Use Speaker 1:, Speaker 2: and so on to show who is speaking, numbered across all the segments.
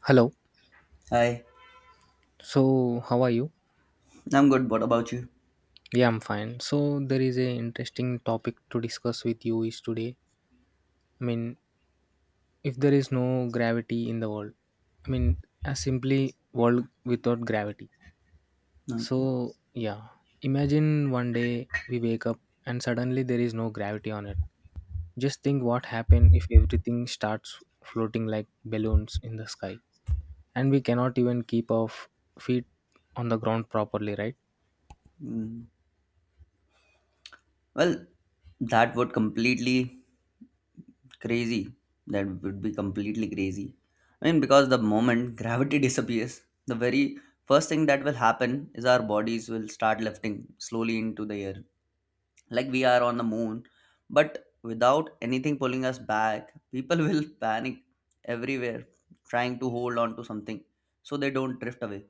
Speaker 1: Hello.
Speaker 2: Hi,
Speaker 1: So, how are you?
Speaker 2: I'm good. What about you?
Speaker 1: Yeah, I'm fine. So, there is a interesting topic to discuss with you is today. I mean, if there is no gravity in the world, I mean, a simply world without gravity.
Speaker 2: Okay.
Speaker 1: So, yeah, imagine one day we wake up and suddenly there is no gravity on it. Just think what happened if everything starts floating like balloons in the sky and we cannot even keep our feet on the ground properly, right?
Speaker 2: Mm. Well, that would completely crazy. That would be completely crazy. I mean, because the moment gravity disappears, the very first thing that will happen is our bodies will start lifting slowly into the air, like we are on the moon. But without anything pulling us back, people will panic everywhere, trying to hold on to something so they don't drift away.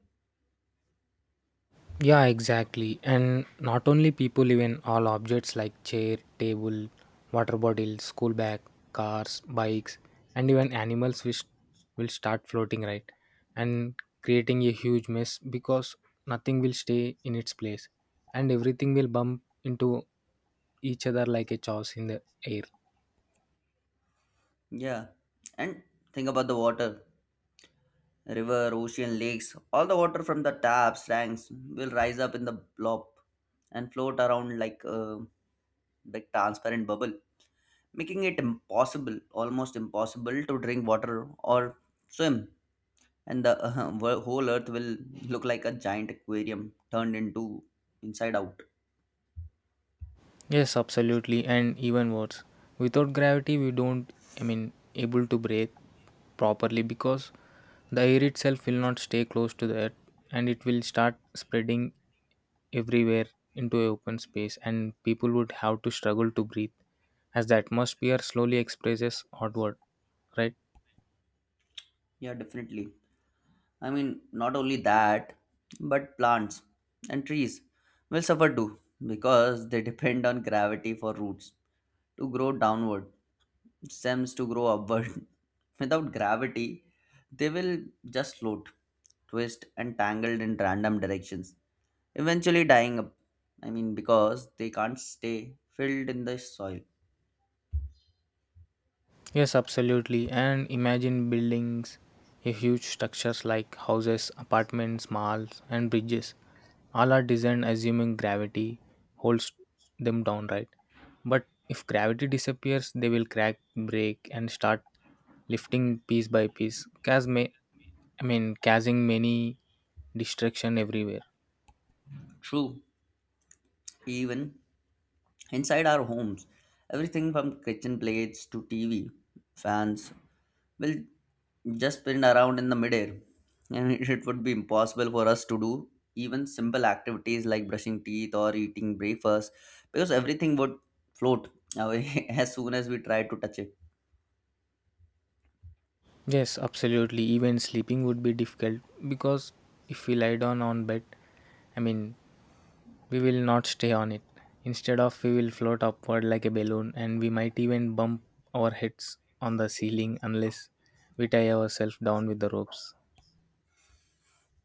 Speaker 1: Yeah, exactly. And not only people, even all objects like chair, table, water bottles, school bag, cars, bikes, and even animals which will start floating, right? And creating a huge mess because nothing will stay in its place and everything will bump into each other like a chaos in the air.
Speaker 2: Yeah, and think about the water river, ocean, lakes, all the water from the taps, tanks will rise up in the blob and float around like a big transparent bubble, making it impossible, almost impossible to drink water or swim. And the whole earth will look like a giant aquarium turned into inside out.
Speaker 1: Yes, absolutely, and even worse, without gravity, we don't, able to breathe properly because the air itself will not stay close to the earth and it will start spreading everywhere into open space, and people would have to struggle to breathe as the atmosphere slowly expresses outward, right?
Speaker 2: Yeah, definitely. I mean, not only that, but plants and trees will suffer too because they depend on gravity for roots to grow downward stems to grow upward. Without gravity, they will just float, twist, and tangled in random directions, eventually dying up. I mean, because they can't stay filled in the soil.
Speaker 1: Yes, absolutely. And imagine buildings, a huge structures like houses, apartments, malls, and bridges. All are designed assuming gravity holds them down, right? But if gravity disappears, they will crack, break, and start lifting piece by piece, cause may, I mean, causing many destruction everywhere.
Speaker 2: True, even inside our homes, everything from kitchen plates to TV, fans will just spin around in the midair and it would be impossible for us to do even simple activities like brushing teeth or eating breakfast because everything would float away as soon as we try to touch it.
Speaker 1: Yes, absolutely. Even sleeping would be difficult because if we lie down on bed, I mean, we will not stay on it. Instead of we will float upward like a balloon and we might even bump our heads on the ceiling unless we tie ourselves down with the ropes.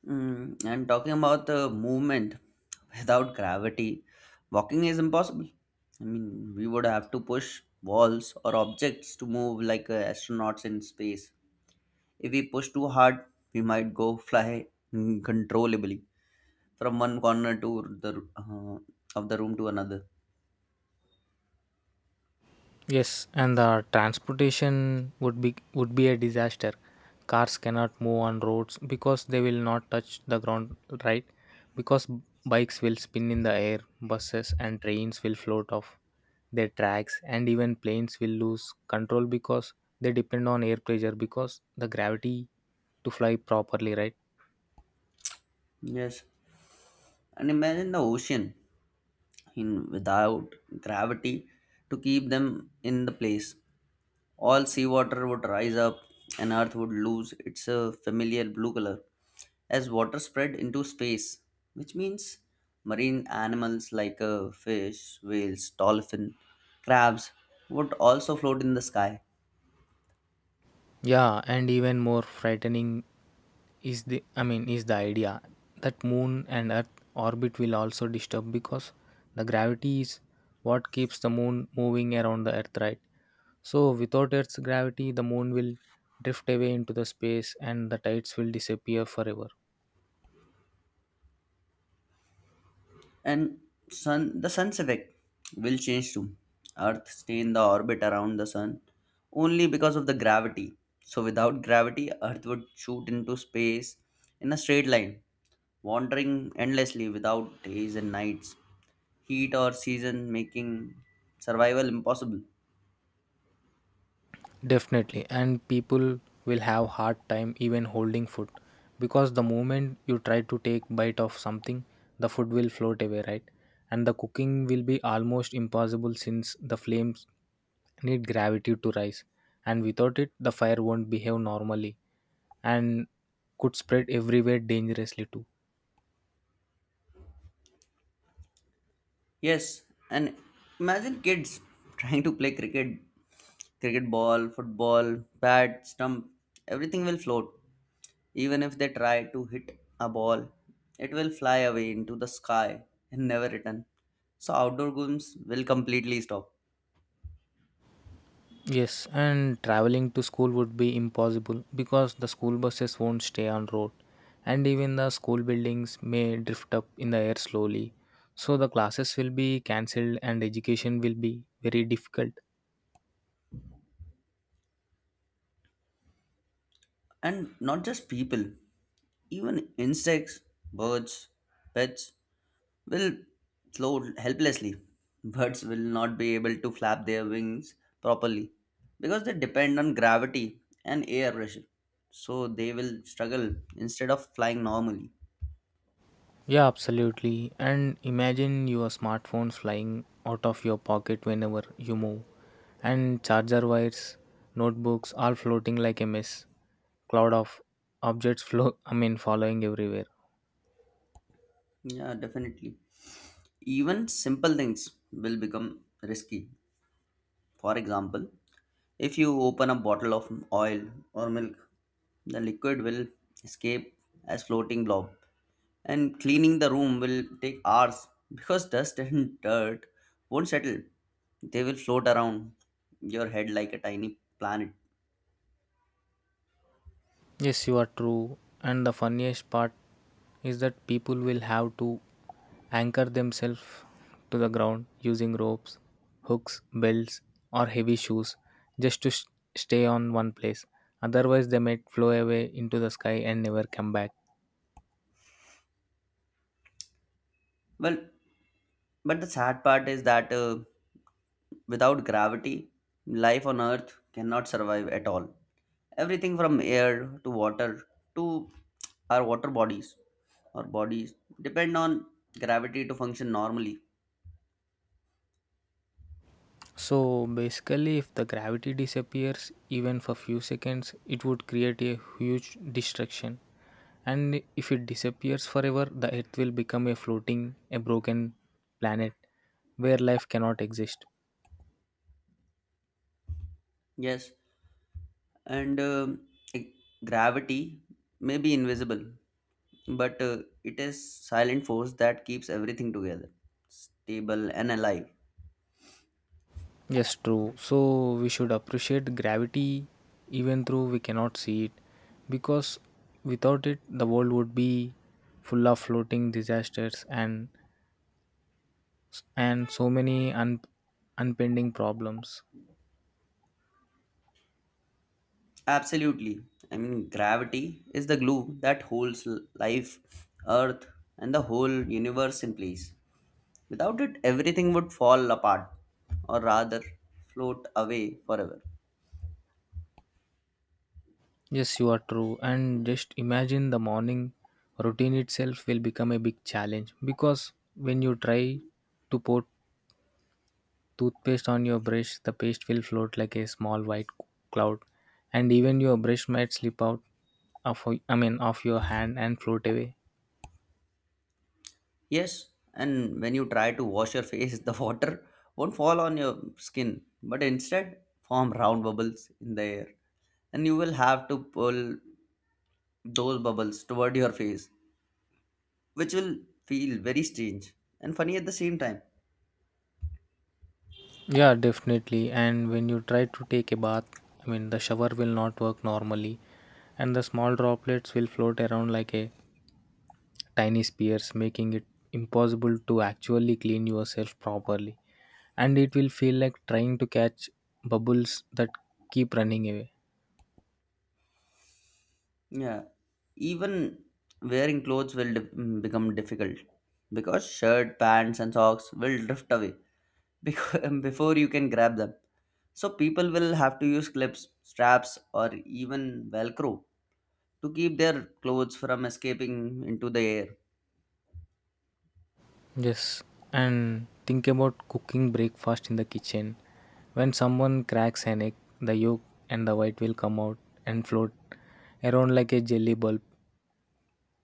Speaker 2: And talking about the movement without gravity walking is impossible. I mean we would have to push walls or objects to move like astronauts in space. If we push too hard we might go fly uncontrollably from one corner to the uh, of the room to another.
Speaker 1: Yes, and the transportation would be a disaster. Cars cannot move on roads because they will not touch the ground, right? Because bikes will spin in the air, buses and trains will float off their tracks, and even planes will lose control because they depend on air pressure because the gravity to fly properly, right?
Speaker 2: Yes, and imagine the ocean in without gravity to keep them in the place. All seawater would rise up, and Earth would lose its familiar blue color as water spread into space, which means marine animals like fish, whales, dolphin, crabs would also float in the sky.
Speaker 1: Yeah, and even more frightening is the idea that moon and earth orbit will also disturb because the gravity is what keeps the moon moving around the earth, right? So without earth's gravity the moon will drift away into the space and the tides will disappear forever.
Speaker 2: And sun, the sun's effect will change too. Earth stay in the orbit around the sun only because of the gravity. So without gravity, Earth would shoot into space in a straight line, wandering endlessly without days and nights, heat or season making survival impossible.
Speaker 1: Definitely, and people will have hard time even holding food because the moment you try to take bite of something, the food will float away, right? And the cooking will be almost impossible since the flames need gravity to rise, and without it, the fire won't behave normally and could spread everywhere dangerously too.
Speaker 2: Yes, and imagine kids trying to play cricket, cricket ball, football, bat, stump, everything will float. Even if they try to hit a ball, it will fly away into the sky and never return. So outdoor games will completely stop.
Speaker 1: Yes, and traveling to school would be impossible because the school buses won't stay on road and even the school buildings may drift up in the air slowly. So the classes will be cancelled and education will be very difficult.
Speaker 2: And not just people, even insects, birds, pets will float helplessly. Birds will not be able to flap their wings properly because they depend on gravity and air pressure. So they will struggle instead of flying normally.
Speaker 1: Yeah, absolutely. And imagine your smartphone flying out of your pocket whenever you move and charger wires, notebooks all floating like a mess, cloud of objects flow I mean following everywhere.
Speaker 2: Yeah, definitely. Even simple things will become risky. For example, if you open a bottle of oil or milk, the liquid will escape as floating blob and cleaning the room will take hours because dust and dirt won't settle. They will float around your head like a tiny planet.
Speaker 1: Yes, you are true. And the funniest part is that people will have to anchor themselves to the ground using ropes, hooks, belts, or heavy shoes just to s stay on one place. Otherwise, they might flow away into the sky and never come back.
Speaker 2: Well, but the sad part is that without gravity, life on Earth cannot survive at all. Everything from air to water to our water bodies or bodies depend on gravity to function normally.
Speaker 1: So basically, if the gravity disappears even for few seconds, it would create a huge destruction. And if it disappears forever, the Earth will become a floating, a broken planet where life cannot exist.
Speaker 2: Yes, and e- gravity may be invisible, but it is silent force that keeps everything together, stable and alive.
Speaker 1: Yes, true. So we should appreciate gravity even though we cannot see it because without it the world would be full of floating disasters and so many unpending problems.
Speaker 2: Absolutely. I mean, gravity is the glue that holds life, Earth, and the whole universe in place. Without it, everything would fall apart, or rather, float away forever.
Speaker 1: Yes, you are true. And just imagine the morning routine itself will become a big challenge because when you try to put toothpaste on your brush, the paste will float like a small white cloud, and even your brush might slip out of I mean of your hand and float away.
Speaker 2: Yes, and when you try to wash your face, the water won't fall on your skin, but instead form round bubbles in the air. And you will have to pull those bubbles toward your face, which will feel very strange and funny at the same time.
Speaker 1: Yeah, definitely. And when you try to take a bath, the shower will not work normally, and the small droplets will float around like a tiny spears, making it impossible to actually clean yourself properly. And it will feel like trying to catch bubbles that keep running away.
Speaker 2: Yeah, even wearing clothes will become difficult because shirt, pants, and socks will drift away because before you can grab them. So people will have to use clips, straps, or even Velcro to keep their clothes from escaping into the air.
Speaker 1: Yes, and think about cooking breakfast in the kitchen. When someone cracks an egg, the yolk and the white will come out and float around like a jelly bulb.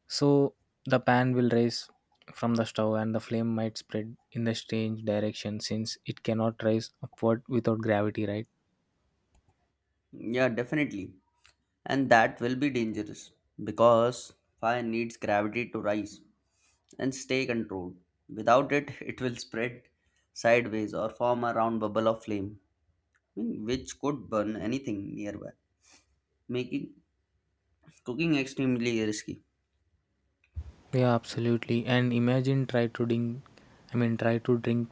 Speaker 1: So the pan will rise from the stove and the flame might spread in the strange direction since it cannot rise upward without gravity, right?
Speaker 2: Yeah, definitely. And that will be dangerous because fire needs gravity to rise and stay controlled. Without it, it will spread sideways or form a round bubble of flame, which could burn anything nearby, making cooking extremely risky.
Speaker 1: Yeah, absolutely. And imagine try to drink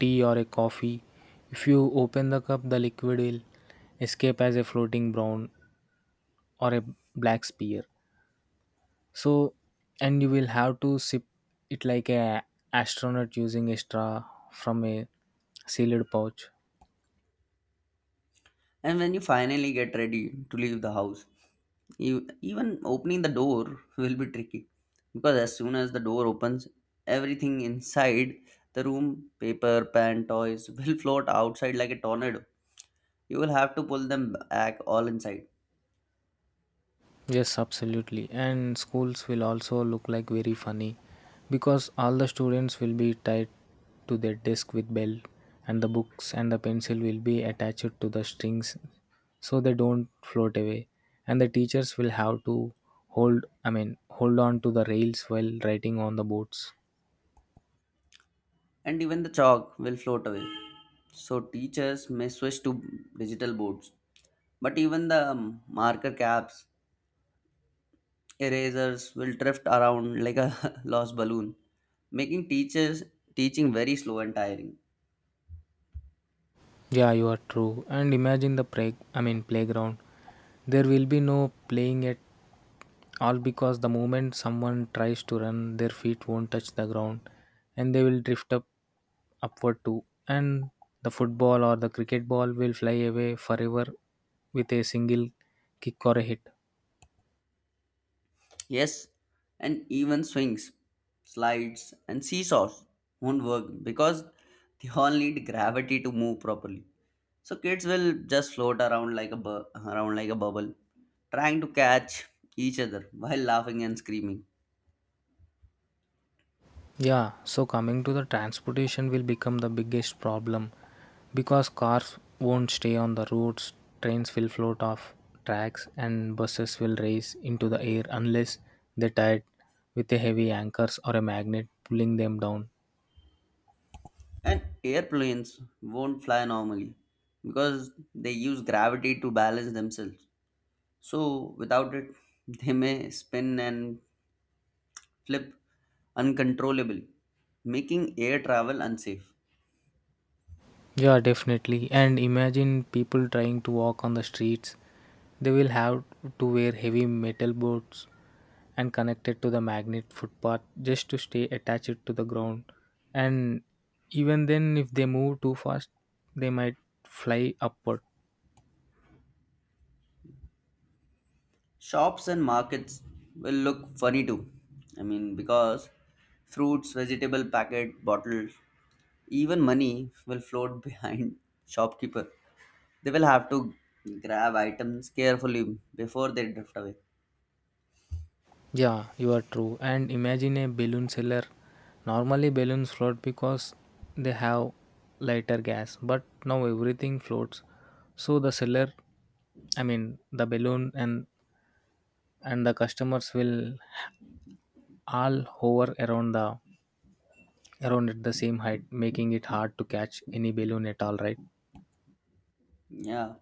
Speaker 1: tea or a coffee. If you open the cup, the liquid will escape as a floating brown or a black spear. So, and you will have to sip it like a astronaut using a straw from a sealed pouch.
Speaker 2: And when you finally get ready to leave the house, you, even opening the door will be tricky because as soon as the door opens, everything inside the room, paper, pen, toys, will float outside like a tornado. You will have to pull them back all inside,
Speaker 1: Yes, absolutely. And schools will also look like very funny because all the students will be tied to their desk with belt and the books and the pencil will be attached to the strings so they don't float away. And the teachers will have to hold I mean hold on to the rails while writing on the boards.
Speaker 2: and even the chalk will float away. So, teachers may switch to digital boards, but even the marker caps erasers will drift around like a lost balloon, making teachers teaching very slow and tiring.
Speaker 1: Yeah, you are true. And imagine the play, I mean playground. There will be no playing at all because the moment someone tries to run, their feet won't touch the ground and they will drift up upward too. And the football or the cricket ball will fly away forever with a single kick or a hit.
Speaker 2: Yes, and even swings, slides, and seesaws won't work because they all need gravity to move properly. So kids will just float around around like a bubble, trying to catch each other while laughing and screaming.
Speaker 1: Yeah, so coming to the transportation will become the biggest problem because cars won't stay on the roads, trains will float off tracks, and buses will race into the air unless they're tied with a heavy anchors or a magnet pulling them down.
Speaker 2: And airplanes won't fly normally because they use gravity to balance themselves. So, without it, they may spin and flip uncontrollably, making air travel unsafe.
Speaker 1: Yeah, definitely. And imagine people trying to walk on the streets. They will have to wear heavy metal boards and connected to the magnet footpath just to stay attached to the ground. And even then, if they move too fast, they might fly upward.
Speaker 2: Shops and markets will look funny too. I mean, because fruits, vegetable packet, bottles, even money will float behind shopkeeper. They will have to grab items carefully before they drift away.
Speaker 1: Yeah, you are true. And imagine a balloon seller. Normally, balloons float because they have lighter gas, but now everything floats. So the seller, I mean the balloon and the customers will all hover around at the same height, making it hard to catch any balloon at all, right?
Speaker 2: Yeah.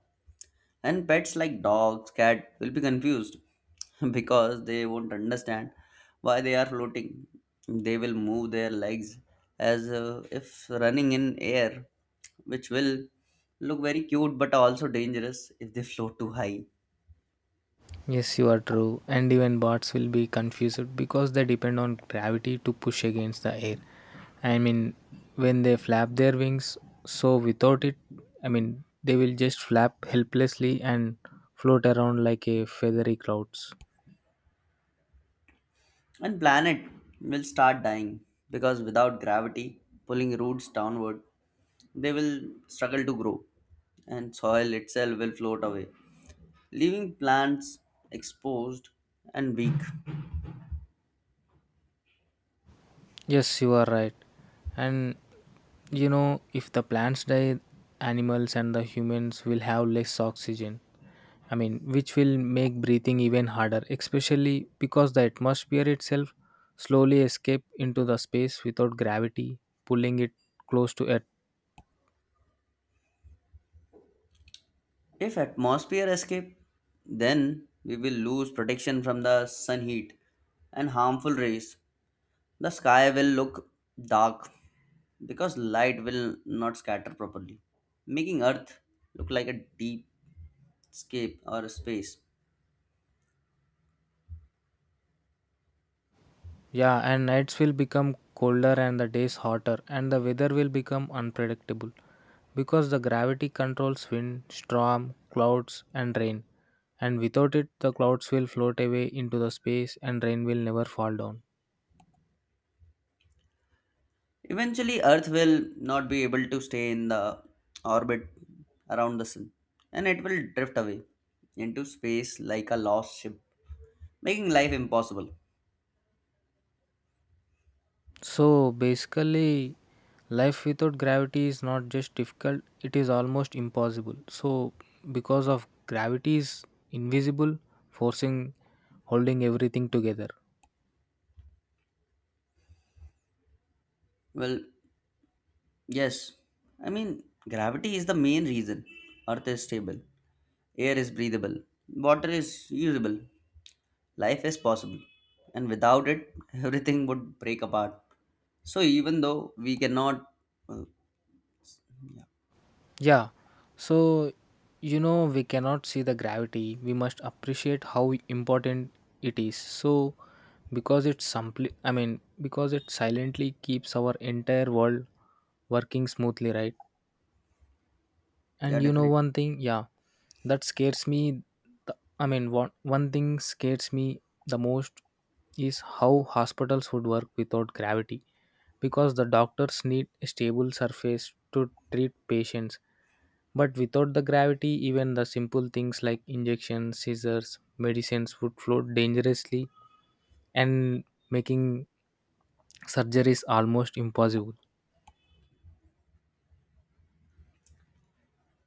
Speaker 2: And pets like dogs, cat will be confused because they won't understand why they are floating. They will move their legs as if running in air, which will look very cute but also dangerous if they float too high.
Speaker 1: Yes, you are true. And even bots will be confused because they depend on gravity to push against the air. I mean, when they flap their wings, so without it, they will just flap helplessly and float around like a feathery clouds.
Speaker 2: And planet will start dying because without gravity pulling roots downward, they will struggle to grow and soil itself will float away, leaving plants exposed and weak.
Speaker 1: Yes, you are right. And you know, if the plants die, animals and the humans will have less oxygen. Which will make breathing even harder, especially because the atmosphere itself slowly escape into the space without gravity pulling it close to earth.
Speaker 2: If atmosphere escape, then we will lose protection from the sun heat and harmful rays. The sky will look dark because light will not scatter properly, making Earth look like a deep scape or a space.
Speaker 1: Yeah, and nights will become colder and the days hotter, and the weather will become unpredictable because the gravity controls wind, storm, clouds, and rain. And without it, the clouds will float away into the space and rain will never fall down.
Speaker 2: Eventually, Earth will not be able to stay in the orbit around the sun and it will drift away into space like a lost ship, making life impossible.
Speaker 1: So basically, life without gravity is not just difficult, it is almost impossible. So, because of gravity is invisible, forcing holding everything together.
Speaker 2: Well, yes, I mean, gravity is the main reason. Earth is stable, air is breathable, water is usable, life is possible. And without it, everything would break apart. So, even though we cannot, uh,
Speaker 1: Yeah, so you know, we cannot see the gravity. We must appreciate how important it is. So, because it's simply, I mean, because it silently keeps our entire world working smoothly, right?
Speaker 2: yeah,
Speaker 1: And you know
Speaker 2: definitely.
Speaker 1: one thing, yeah, that scares me. One thing scares me the most is how hospitals would work without gravity, because the doctors need a stable surface to treat patients. But without the gravity, even the simple things like injections, scissors, medicines would float dangerously and making surgery is almost impossible.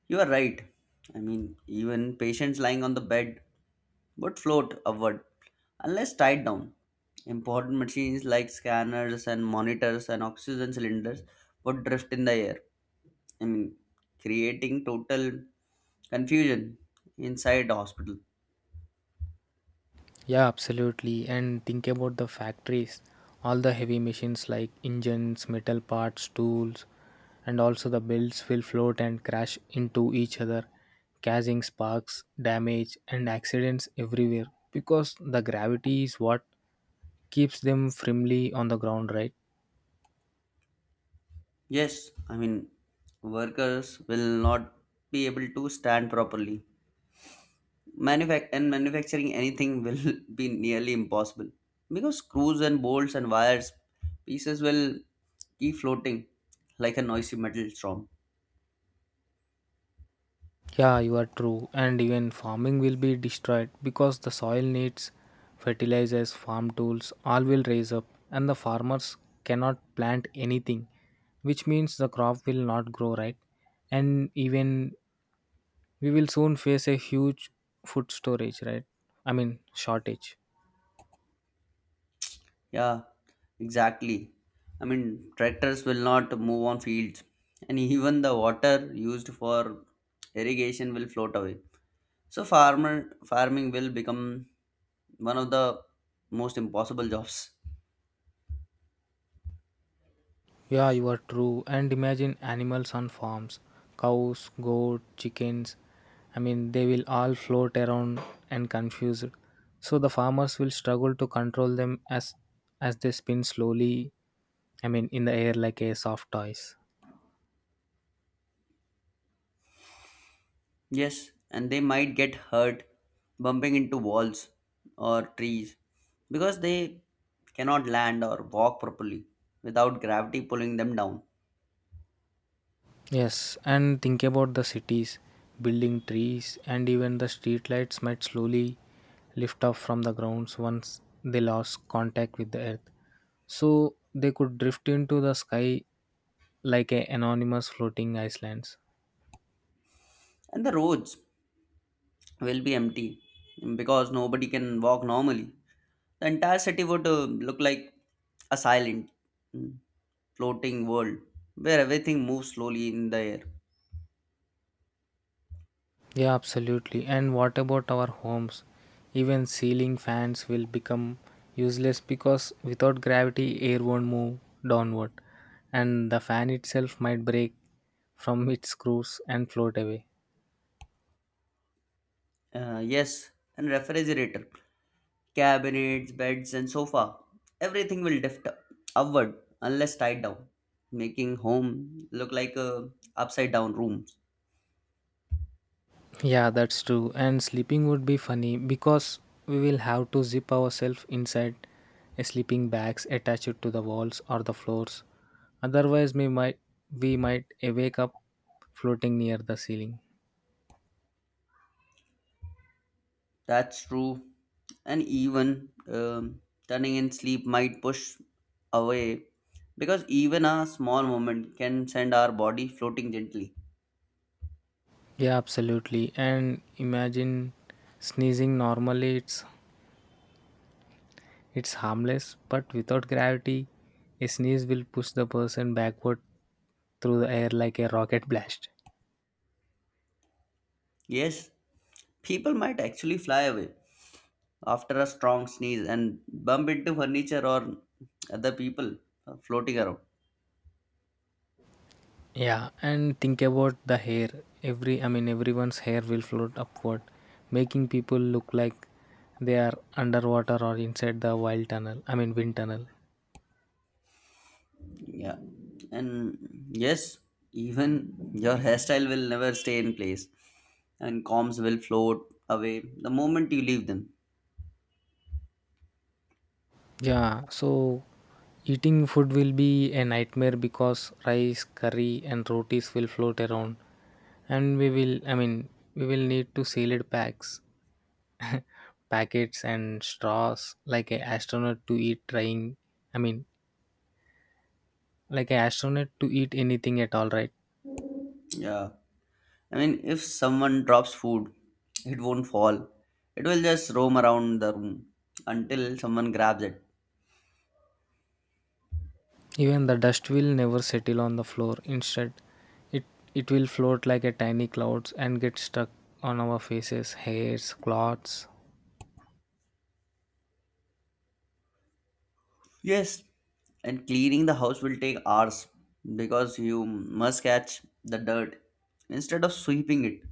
Speaker 2: You are right. I mean, even patients lying on the bed would float upward unless tied down. Important machines like scanners and monitors and oxygen cylinders would drift in the air. I mean, creating total confusion inside the hospital.
Speaker 1: Yeah, absolutely. And think about the factories, all the heavy machines like engines, metal parts, tools, and also the builds will float and crash into each other, causing sparks, damage, and accidents everywhere because the gravity is what keeps them firmly on the ground, right?
Speaker 2: Yes, I mean, workers will not be able to stand properly. And manufacturing anything will be nearly impossible because screws and bolts and wires pieces will keep floating like a noisy metal storm.
Speaker 1: Yeah, you are true. And even farming will be destroyed because the soil needs fertilizers, farm tools, all will raise up, and the farmers cannot plant anything, which means the crop will not grow right. And even we will soon face a huge food storage, right? Shortage.
Speaker 2: Yeah, exactly. I mean, tractors will not move on fields, and even the water used for irrigation will float away. So farmer farming will become one of the most impossible jobs.
Speaker 1: Yeah, you are true. And imagine animals on farms cows, goat, chickens. They will all float around and confused. So the farmers will struggle to control them as they spin slowly, in the air like a soft toys.
Speaker 2: Yes, and they might get hurt bumping into walls or trees because they cannot land or walk properly without gravity pulling them down.
Speaker 1: Yes, and think about the cities, building trees, and even the streetlights might slowly lift off from the grounds once they lost contact with the earth. So they could drift into the sky like a anonymous floating islands.
Speaker 2: And the roads will be empty because nobody can walk normally. The entire city would look like a silent, mm, floating world where everything moves slowly in the air.
Speaker 1: Yeah, absolutely. And what about our homes? Even ceiling fans will become useless because without gravity, air won't move downward, and the fan itself might break from its screws and float away.
Speaker 2: Yes, and refrigerator, cabinets, beds, and sofa. Everything will lift upward unless tied down, making home look like a upside down room.
Speaker 1: Yeah, that's true. And sleeping would be funny because we will have to zip ourselves inside a sleeping bags attached to the walls or the floors. Otherwise, we might wake up floating near the ceiling.
Speaker 2: That's true. And even turning in sleep might push away because even a small moment can send our body floating gently.
Speaker 1: Yeah, absolutely. And imagine sneezing normally it's harmless, but without gravity, a sneeze will push the person backward through the air like a rocket blast.
Speaker 2: Yes, people might actually fly away after a strong sneeze and bump into furniture or other people floating around.
Speaker 1: Yeah, and think about the hair. Everyone's hair will float upward, making people look like they are underwater or inside the wild tunnel. I mean, wind tunnel.
Speaker 2: Yeah. And yes, even your hairstyle will never stay in place and combs will float away the moment you leave them.
Speaker 1: Yeah, so eating food will be a nightmare because rice, curry, and rotis will float around, and we will need to sealed packs, packets, and straws like a astronaut to eat trying. I mean, like a astronaut to eat anything at all, right?
Speaker 2: Yeah. I mean, if someone drops food, it won't fall. It will just roam around the room until someone grabs it.
Speaker 1: Even the dust will never settle on the floor. Instead, it, it will float like a tiny clouds and get stuck on our faces, hairs, clothes.
Speaker 2: Yes, and cleaning the house will take hours because you must catch the dirt instead of sweeping it.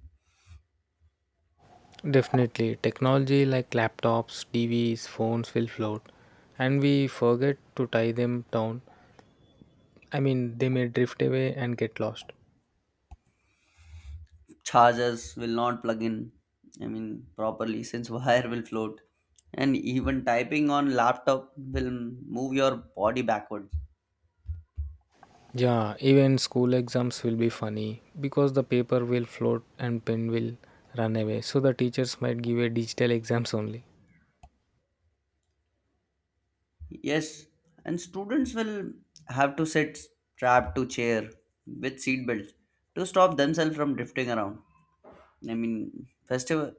Speaker 1: Definitely, technology like laptops, TVs, phones will float, and we forget to tie them down. I mean, they may drift away and get lost.
Speaker 2: Chargers will not plug in, I mean, properly since wire will float, and even typing on laptop will move your body backwards.
Speaker 1: Yeah, even school exams will be funny because the paper will float and pen will run away. So the teachers might give a digital exams only.
Speaker 2: Yes, and students will have to sit strapped to chair with seat belts to stop themselves from drifting around. I mean, festival.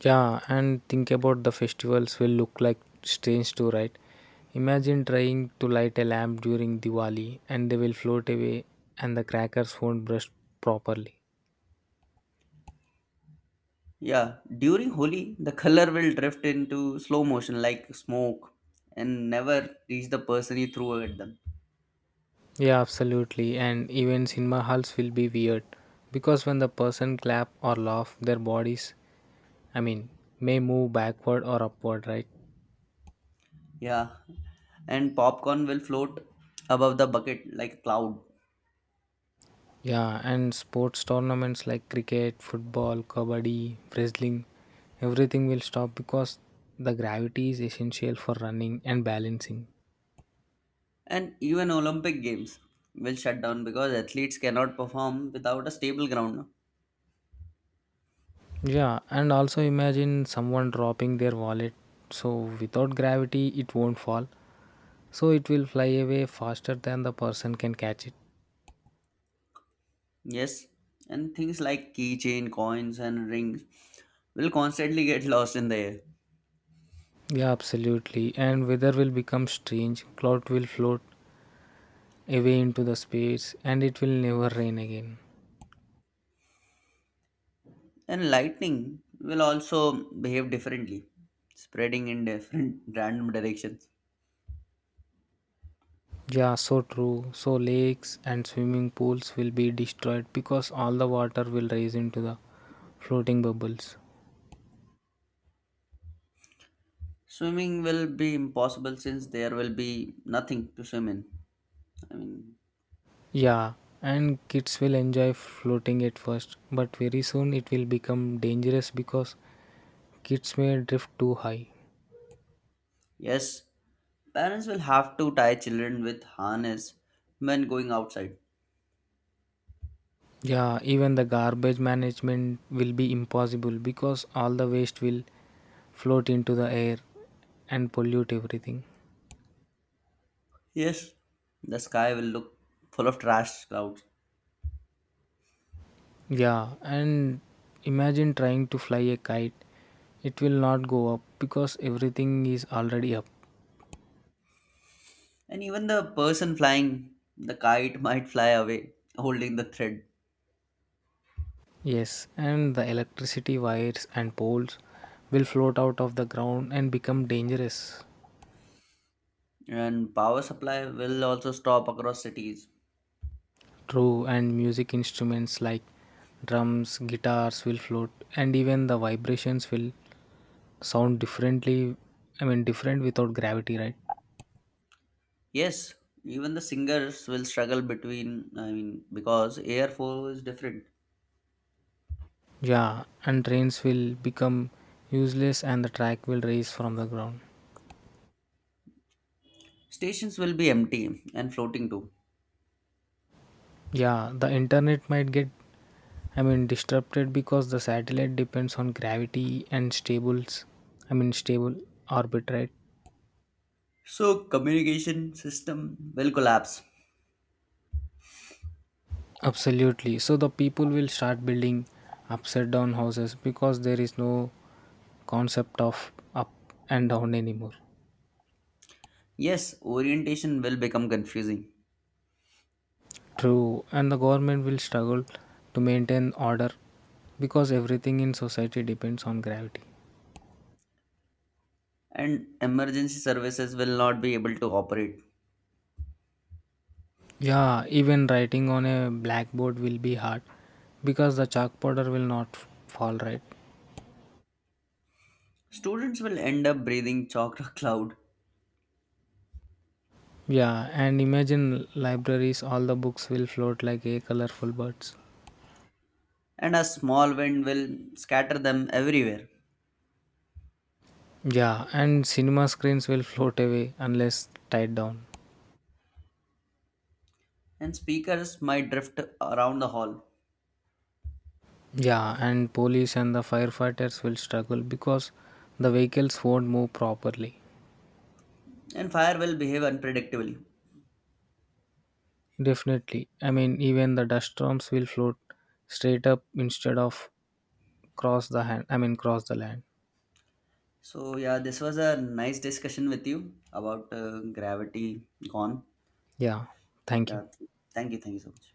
Speaker 1: Yeah, and think about the festivals will look like strange too, right? Imagine trying to light a lamp during Diwali and they will float away and the crackers won't burst properly.
Speaker 2: Yeah, during Holi, the color will drift into slow motion like smoke and never reach the person you threw at them.
Speaker 1: Yeah, absolutely. And even cinema halls will be weird because when the person clap or laugh, their bodies, I mean, may move backward or upward, right?
Speaker 2: Yeah, and popcorn will float above the bucket like a cloud.
Speaker 1: Yeah, and sports tournaments like cricket, football, kabaddi, wrestling, everything will stop because the gravity is essential for running and balancing.
Speaker 2: And even Olympic Games will shut down because athletes cannot perform without a stable ground now.
Speaker 1: Yeah, and also imagine someone dropping their wallet. So without gravity, it won't fall. So it will fly away faster than the person can catch it.
Speaker 2: Yes, and things like keychain, coins, and rings will constantly get lost in the air.
Speaker 1: Yeah, absolutely. And weather will become strange. Cloud will float away into the space and it will never rain again.
Speaker 2: And lightning will also behave differently, spreading in different random directions.
Speaker 1: Yeah, so true. So lakes and swimming pools will be destroyed because all the water will rise into the floating bubbles.
Speaker 2: Swimming will be impossible since there will be nothing to swim in. I mean,
Speaker 1: Yeah, and kids will enjoy floating at first, but very soon it will become dangerous because kids may drift too high.
Speaker 2: yes, parents will have to tie children with harness when going outside.
Speaker 1: Yeah, even the garbage management will be impossible because all the waste will float into the air and pollute everything.
Speaker 2: Yes, the sky will look full of trash clouds.
Speaker 1: Yeah, and imagine trying to fly a kite. It will not go up because everything is already up.
Speaker 2: And even the person flying the kite might fly away holding the thread.
Speaker 1: Yes, and the electricity wires and poles will float out of the ground and become dangerous.
Speaker 2: And power supply will also stop across cities.
Speaker 1: True, and music instruments like drums, guitars will float, and even the vibrations will sound differently. I mean, different without gravity, right?
Speaker 2: Yes, even the singers will struggle between, I mean, because air flow is different.
Speaker 1: Yeah, and trains will become useless and the track will raise from the ground.
Speaker 2: Stations will be empty and floating too.
Speaker 1: Yeah, the internet might get disrupted because the satellite depends on gravity and stable orbit, right?
Speaker 2: So communication system will collapse.
Speaker 1: Absolutely. So the people will start building upside down houses because there is no concept of up and down anymore.
Speaker 2: Yes, orientation will become confusing
Speaker 1: True, and the government will struggle to maintain order because everything in society depends on gravity.
Speaker 2: and emergency services will not be able to operate.
Speaker 1: Yeah, even writing on a blackboard will be hard because the chalk powder will not fall right.
Speaker 2: Students will end up breathing chakra cloud
Speaker 1: Yeah, and imagine libraries, all the books will float like a colorful birds.
Speaker 2: and a small wind will scatter them everywhere
Speaker 1: Yeah, and cinema screens will float away unless tied down.
Speaker 2: and speakers might drift around the hall
Speaker 1: Yeah, and police and the firefighters will struggle because the vehicles won't move properly.
Speaker 2: and fire will behave unpredictably.
Speaker 1: Definitely. I mean, even the dust storms will float straight up instead of cross the hand. I mean, cross the land.
Speaker 2: So yeah, this was a nice discussion with you about gravity gone.
Speaker 1: Yeah, thank
Speaker 2: Yeah,
Speaker 1: you.
Speaker 2: thank you so much.